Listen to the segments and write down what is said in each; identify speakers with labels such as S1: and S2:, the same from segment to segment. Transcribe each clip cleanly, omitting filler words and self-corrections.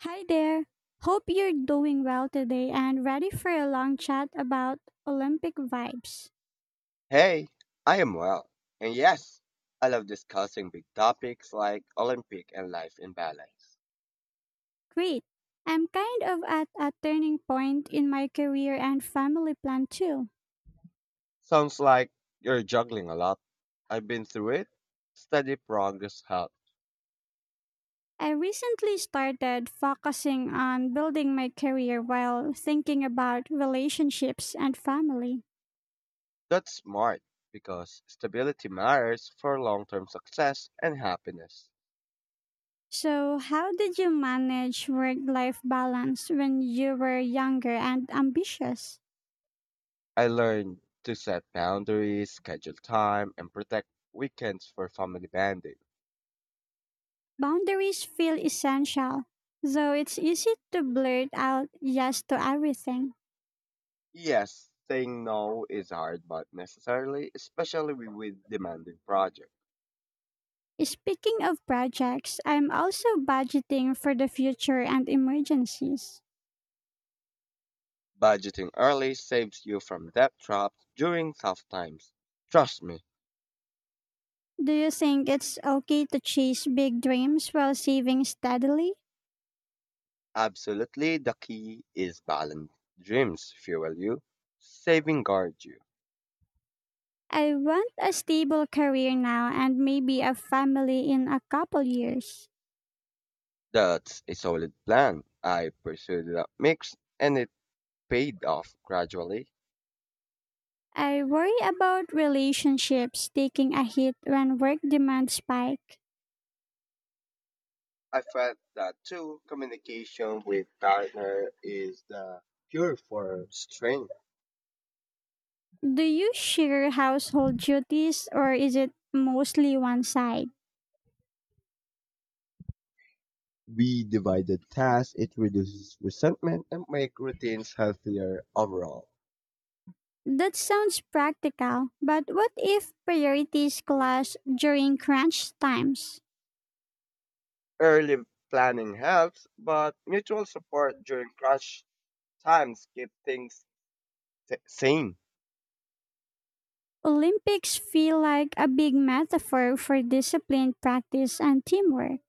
S1: Hi there. Hope you're doing well today and ready for a long chat about Olympic vibes.
S2: Hey, I am well. And yes, I love discussing big topics like Olympic and life in balance.
S1: Great. I'm kind of at a turning point in my career and family plan too.
S2: Sounds like you're juggling a lot. I've been through it. Steady progress helps.
S1: I recently started focusing on building my career while thinking about relationships and family.
S2: That's smart because stability matters for long-term success and happiness.
S1: So, how did you manage work life balance when you were younger and ambitious?
S2: I learned to set boundaries, schedule time, and protect weekends for family bonding.
S1: Boundaries feel essential, though it's easy to blurt out yes to everything.
S2: Yes, saying no is hard but necessarily, especially with demanding projects.
S1: Speaking of projects, I'm also budgeting for the future and emergencies.
S2: Budgeting early saves you from debt traps during tough times. Trust me,
S1: Do you think it's okay to chase big dreams while saving steadily?
S2: absolutely the key is balance. Dreams fuel you, saving guard you.
S1: I want a stable career now and maybe a family in a couple years.
S2: That's a solid plan. I pursued that mix and it paid off gradually.
S1: I worry about relationships taking a hit when work demands spike.
S2: I felt that too, communication with partner is the cure for strength.
S1: Do you share household duties or is it mostly one side?
S2: We divided tasks, it reduces resentment and make routines healthier overall.
S1: That sounds practical, but what if priorities clash during crunch times?
S2: Early planning helps, but mutual support during crush times keep things sane.
S1: Olympics feel like a big metaphor for discipline, practice, and teamwork.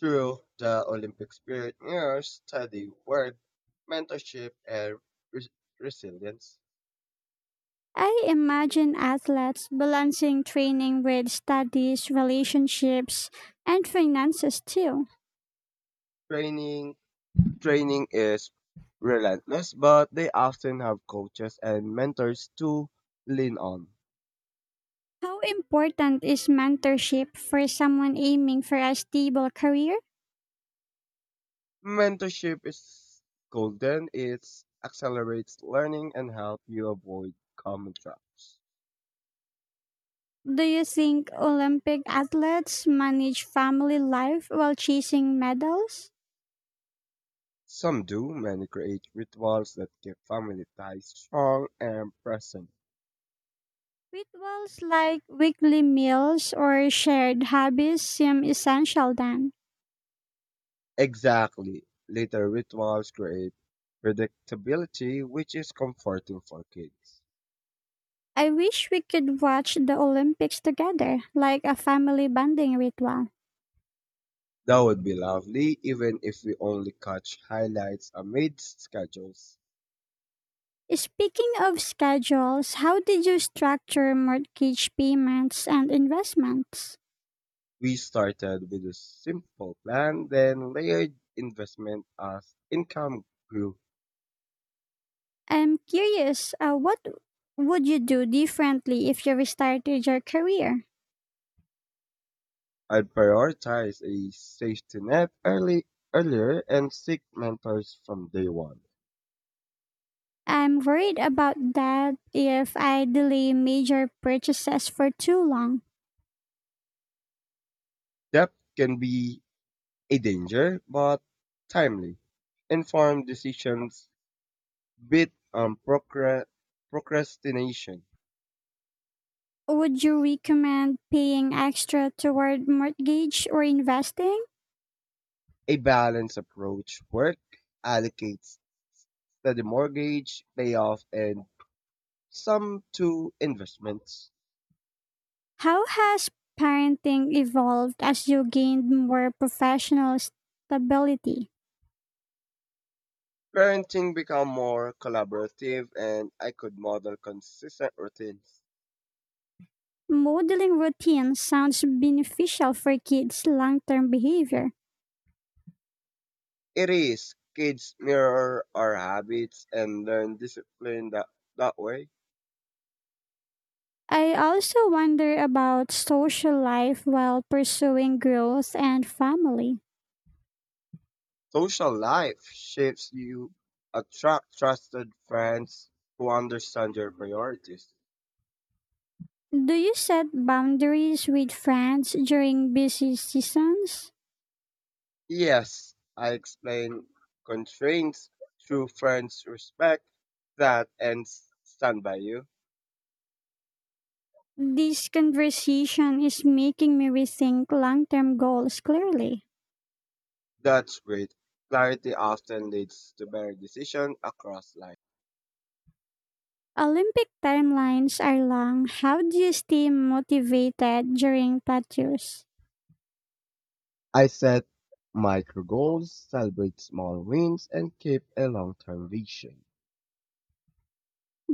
S2: Through the Olympic spirit years, study, work, mentorship, and res- resilience.
S1: I imagine athletes balancing training with studies, relationships, and finances too.
S2: Training training is relentless, but they often have coaches and mentors to lean on.
S1: How important is mentorship for someone aiming for a stable career?
S2: Mentorship is golden. It accelerates learning and help you avoid common traps.
S1: Do you think Olympic athletes manage family life while chasing medals?
S2: Some do. Many create rituals that keep family ties strong and present.
S1: Rituals like weekly meals or shared hobbies seem essential then.
S2: Exactly. Later rituals create predictability, which is comforting for kids.
S1: I wish we could watch the Olympics together, like a family bonding ritual.
S2: That would be lovely, even if we only catch highlights amid schedules.
S1: Speaking of schedules, how did you structure mortgage payments and investments?
S2: We started with a simple plan, then layered investment as income grew.
S1: I'm curious, what would you do differently if you restarted your career?
S2: I'd prioritize a safety net early earlier and seek mentors from day one.
S1: I'm worried about that if I delay major purchases for too long.
S2: That can be a danger, but timely, informed decisions beat procrastination.
S1: Would you recommend paying extra toward mortgage or investing?
S2: A balanced approach work allocates to the mortgage, payoff, and some to investments.
S1: How has parenting evolved as you gained more professional stability?
S2: Parenting become more collaborative and I could model consistent routines.
S1: Modeling routines sounds beneficial for kids' long term behavior.
S2: It is kids mirror our habits and learn discipline that way.
S1: I also wonder about social life while pursuing growth and family.
S2: Social life shapes you attract trusted friends who understand your priorities.
S1: Do you set boundaries with friends during busy seasons?
S2: Yes, I explain constraints through friends respect that and stand by you.
S1: This conversation is making me rethink long term goals clearly.
S2: That's great. Clarity often leads to better decision across life.
S1: Olympic timelines are long. How do you stay motivated during tattoos?
S2: I set micro goals, celebrate small wins, and keep a long-term vision.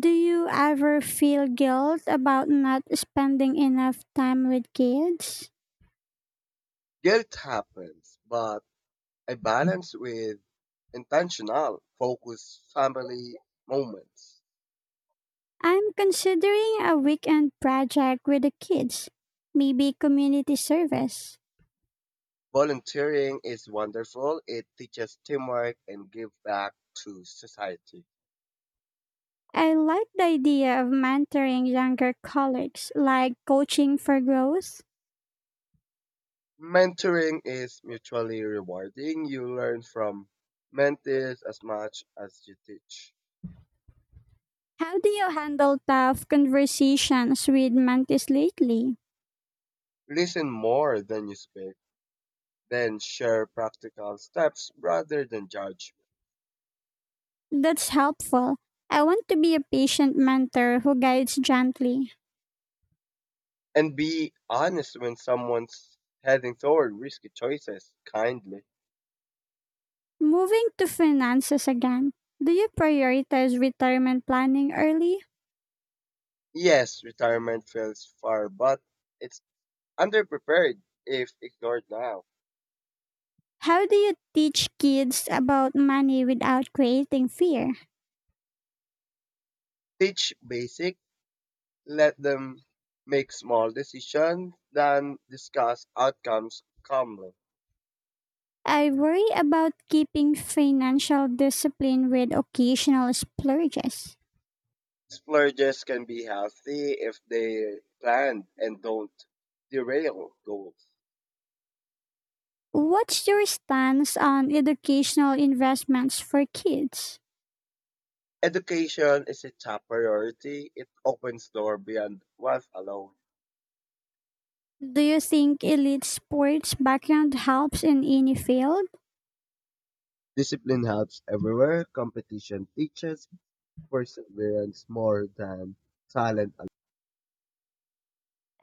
S1: Do you ever feel guilt about not spending enough time with kids?
S2: Guilt happens, but a balance with intentional, focused family moments.
S1: I'm considering a weekend project with the kids, maybe community service.
S2: Volunteering is wonderful. It teaches teamwork and give back to society.
S1: I like the idea of mentoring younger colleagues, like coaching for growth.
S2: Mentoring is mutually rewarding. You learn from mentees as much as you teach.
S1: How do you handle tough conversations with mentees lately?
S2: Listen more than you speak. Then share practical steps rather than judge.
S1: That's helpful. I want to be a patient mentor who guides gently.
S2: And be honest when someone's heading toward risky choices kindly.
S1: Moving to finances again, do you prioritize retirement planning early?
S2: Yes, retirement feels far, but it's underprepared if ignored now.
S1: How do you teach kids about money without creating fear?
S2: Teach basic, let them make small decisions, then discuss outcomes calmly.
S1: I worry about keeping financial discipline with occasional splurges.
S2: Splurges can be healthy if they plan and don't derail goals.
S1: What's your stance on educational investments for kids?
S2: Education is a top priority. It opens door beyond wealth alone.
S1: Do you think elite sports background helps in any field?
S2: Discipline helps everywhere. Competition teaches perseverance more than talent.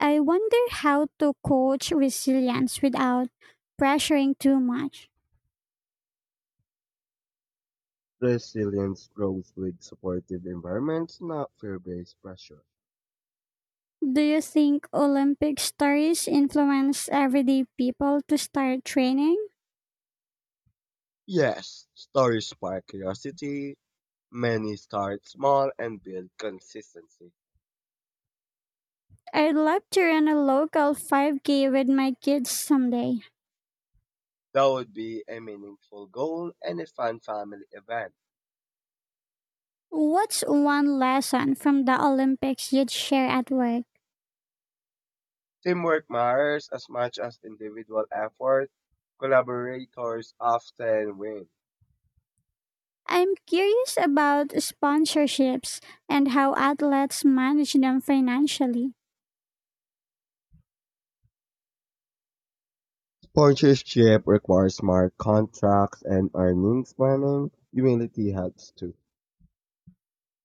S1: I wonder how to coach resilience without pressuring too much.
S2: Resilience grows with supportive environments, not fear-based pressure.
S1: Do you think Olympic stories influence everyday people to start training?
S2: Yes, stories spark curiosity. Many start small and build consistency.
S1: I'd love to run a local 5K with my kids someday.
S2: That would be a meaningful goal and a fun family event.
S1: What's one lesson from the Olympics you'd share at work?
S2: Teamwork matters as much as individual effort. Collaborators often win.
S1: I'm curious about sponsorships and how athletes manage them financially.
S2: Sponsorship requires smart contracts and earnings planning. Humility helps too.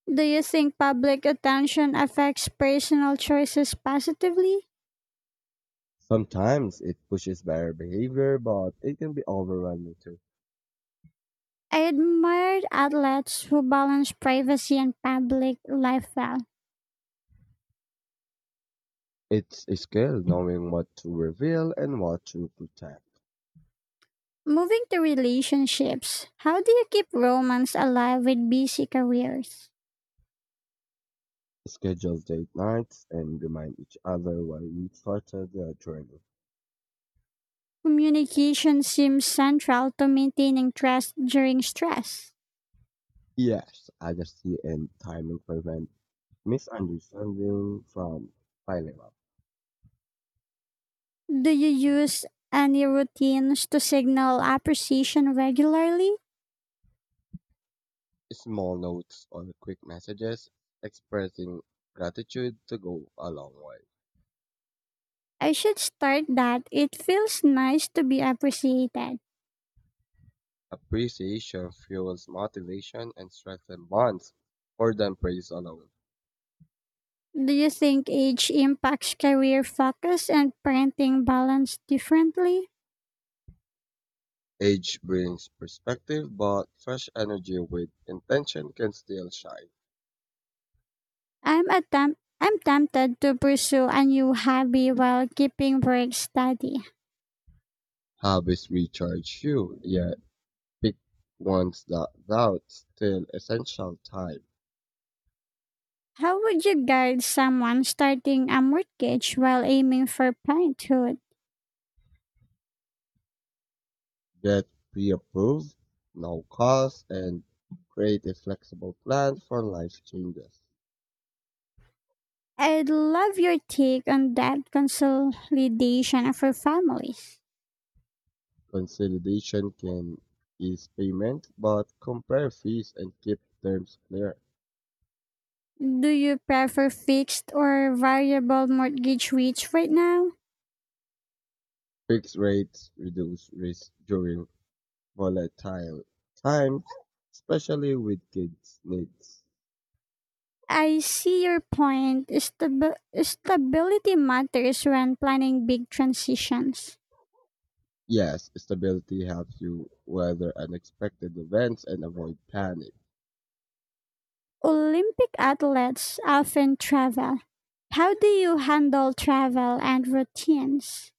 S1: Do you think public attention affects personal choices positively?
S2: Sometimes it pushes better behavior, but it can be overwhelming too.
S1: I admired athletes who balance privacy and public life well.
S2: It's a skill knowing what to reveal and what to protect.
S1: Moving to relationships, how do you keep romance alive with busy careers?
S2: Schedule date nights and remind each other why we started the journey.
S1: Communication seems central to maintaining trust during stress.
S2: Yes, accuracy and timing prevent misunderstanding from piling up.
S1: Do you use any routines to signal appreciation regularly?
S2: Small notes or quick messages expressing gratitude to go a long way.
S1: I should start that. It feels nice to be appreciated.
S2: Appreciation fuels motivation and strengthens bonds more than praise alone.
S1: Do you think age impacts career focus and parenting balance differently?
S2: Age brings perspective, but fresh energy with intention can still shine.
S1: I'm tempted to pursue a new hobby while keeping work steady.
S2: Habits recharge you, yet pick ones that doubt still essential time.
S1: How would you guide someone starting a mortgage while aiming for parenthood?
S2: Get pre-approved, no cost, and create a flexible plan for life changes.
S1: I'd love your take on that consolidation for families.
S2: Consolidation can ease payment, but compare fees and keep terms clear.
S1: Do you prefer fixed or variable mortgage rates right now?
S2: Fixed rates reduce risk during volatile times, especially with kids' needs.
S1: I see your point. Stability matters when planning big transitions.
S2: Yes, stability helps you weather unexpected events and avoid panic.
S1: Olympic athletes often travel. How do you handle travel and routines?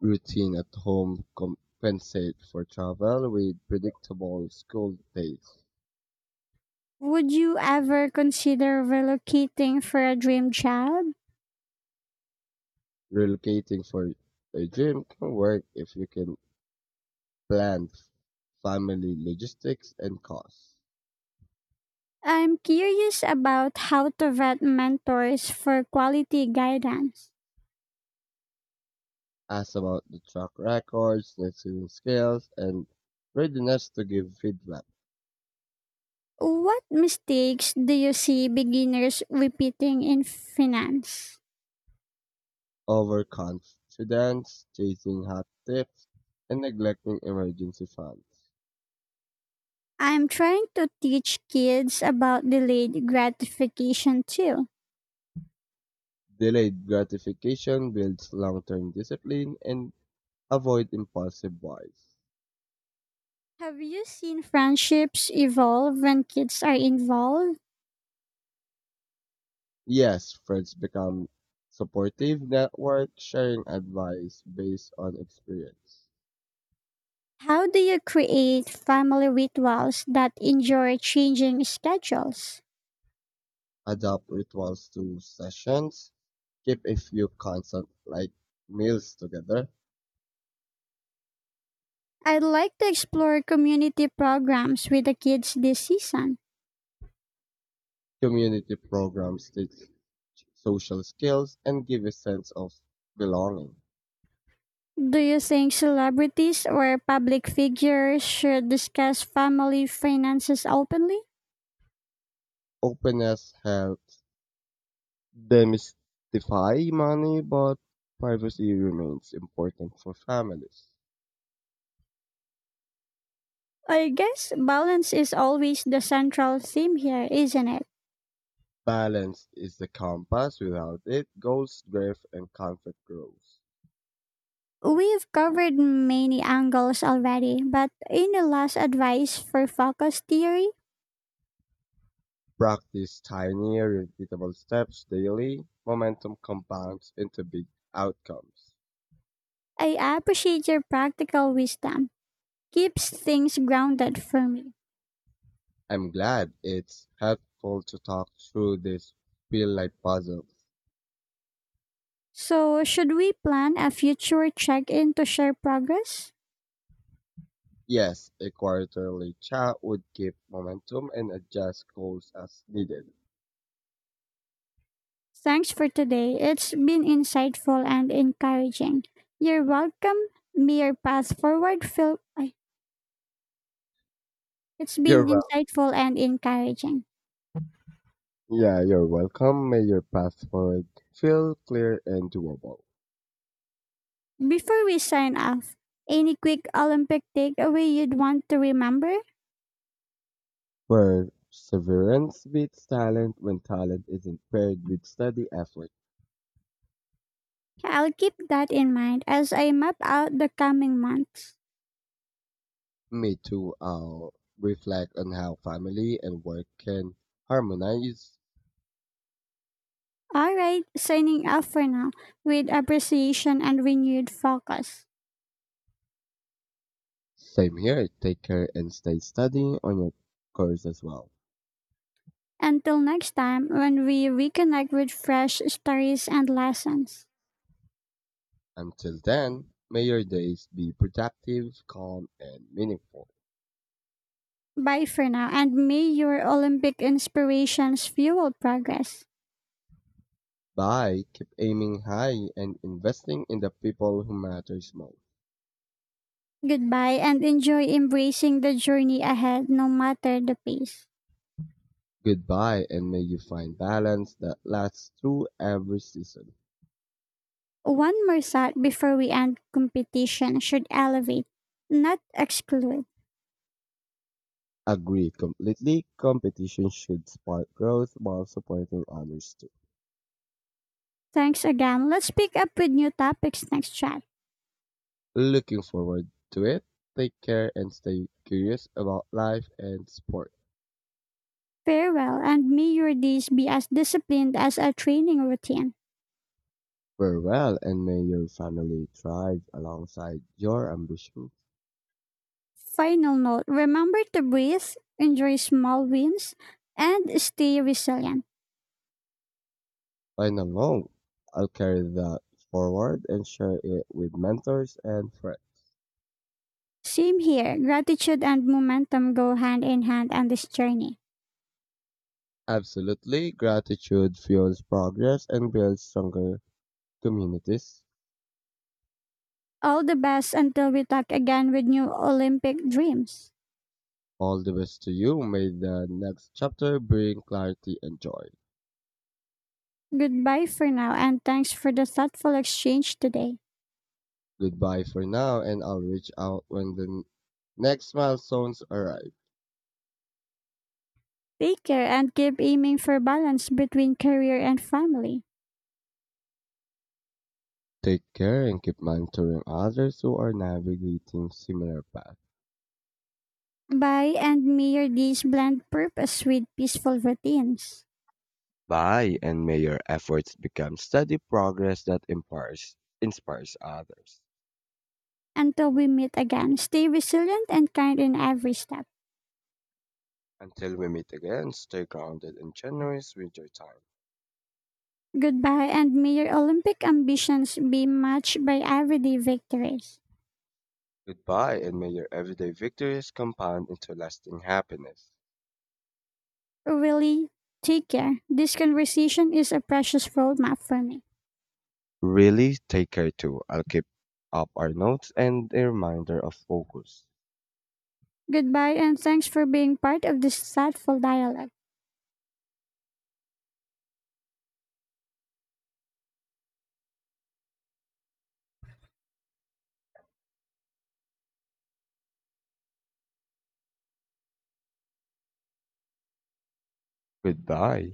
S2: Routine at home compensate for travel with predictable school days.
S1: Would you ever consider relocating for a dream job?
S2: Relocating for a gym can work if you can plan family logistics and costs.
S1: I'm curious about how to vet mentors for quality guidance.
S2: Asked about the track records, listening skills, and readiness to give feedback.
S1: What mistakes do you see beginners repeating in finance?
S2: Overconfidence, chasing hot tips, and neglecting emergency funds.
S1: I'm trying to teach kids about delayed gratification too.
S2: Delayed gratification builds long-term discipline and avoid impulsive buys.
S1: Have you seen friendships evolve when kids are involved?
S2: Yes, friends become supportive network, sharing advice based on experience.
S1: How do you create family rituals that endure changing schedules?
S2: Adopt rituals to sessions. Keep a few constant like meals together.
S1: I'd like to explore community programs with the kids this season.
S2: Community programs teach social skills and give a sense of belonging.
S1: Do you think celebrities or public figures should discuss family finances openly?
S2: Openness helps demystify money, but privacy remains important for families.
S1: I guess balance is always the central theme here, isn't it?
S2: Balance is the compass. Without it, goals drift and conflict grows.
S1: We've covered many angles already, but in the last advice for focus theory,
S2: Practice tiny, repeatable steps daily. Momentum compounds into big outcomes.
S1: I appreciate your practical wisdom. Keeps things grounded for me.
S2: I'm glad it's helpful to talk through this feel like puzzle.
S1: So, should we plan a future check in to share progress?
S2: Yes, a quarterly chat would keep momentum and adjust goals as needed.
S1: Thanks for today. It's been insightful and encouraging. You're welcome. May your path forward feel. It's
S2: You're
S1: been
S2: welcome.
S1: insightful and encouraging.
S2: Yeah, you're welcome. May your path forward feel clear and doable.
S1: Before we sign off, any quick Olympic takeaway you'd want to remember?
S2: Perseverance beats talent when talent isn't paired with steady effort.
S1: I'll keep that in mind as I map out the coming months.
S2: Me too. I'll reflect on how family and work can harmonize.
S1: Alright, signing off for now with appreciation and renewed focus.
S2: Same here. Take care and stay steady on your course as well.
S1: Until next time, when we reconnect with fresh stories and lessons.
S2: Until then, may your days be productive, calm, and meaningful.
S1: Bye for now, and may your Olympic inspirations fuel progress.
S2: Bye. Keep aiming high and investing in the people who matters most.
S1: Goodbye, and enjoy embracing the journey ahead, no matter the pace.
S2: Goodbye, and may you find balance that lasts through every season.
S1: One more thought before we end competition should elevate, not exclude.
S2: Agree completely. Competition should spark growth while supporting others too.
S1: Thanks again. Let's pick up with new topics next chat.
S2: Looking forward to it. Take care and stay curious about life and sport.
S1: Farewell, and may your days be as disciplined as a training routine.
S2: Farewell, and may your family thrive alongside your ambition.
S1: Final note remember to breathe, enjoy small wins, and stay resilient.
S2: When alone, I'll carry that forward and share it with mentors and friends.
S1: Same here, gratitude and momentum go hand in hand on this journey.
S2: Absolutely, gratitude fuels progress and builds stronger communities.
S1: All the best until we talk again with new Olympic dreams.
S2: All the best to you. May the next chapter bring clarity and joy.
S1: Goodbye for now, and thanks for the thoughtful exchange today.
S2: Goodbye for now, and I'll reach out when the next milestones arrive.
S1: Take care and keep aiming for balance between career and family.
S2: Take care and keep mentoring others who are navigating similar paths.
S1: Bye, and may your days blend purpose with peaceful routines.
S2: By and may your efforts become steady progress that empowers, inspires others.
S1: Until we meet again, stay resilient and kind in every step.
S2: Until we meet again, stay grounded and generous with your time.
S1: Goodbye, and may your Olympic ambitions be matched by everyday victories.
S2: Goodbye, and may your everyday victories compound into lasting happiness.
S1: Really, take care. This conversation is a precious roadmap for me.
S2: Really, take care too. I'll keep up our notes and a reminder of focus.
S1: Goodbye, and thanks for being part of this thoughtful dialogue.
S2: Goodbye.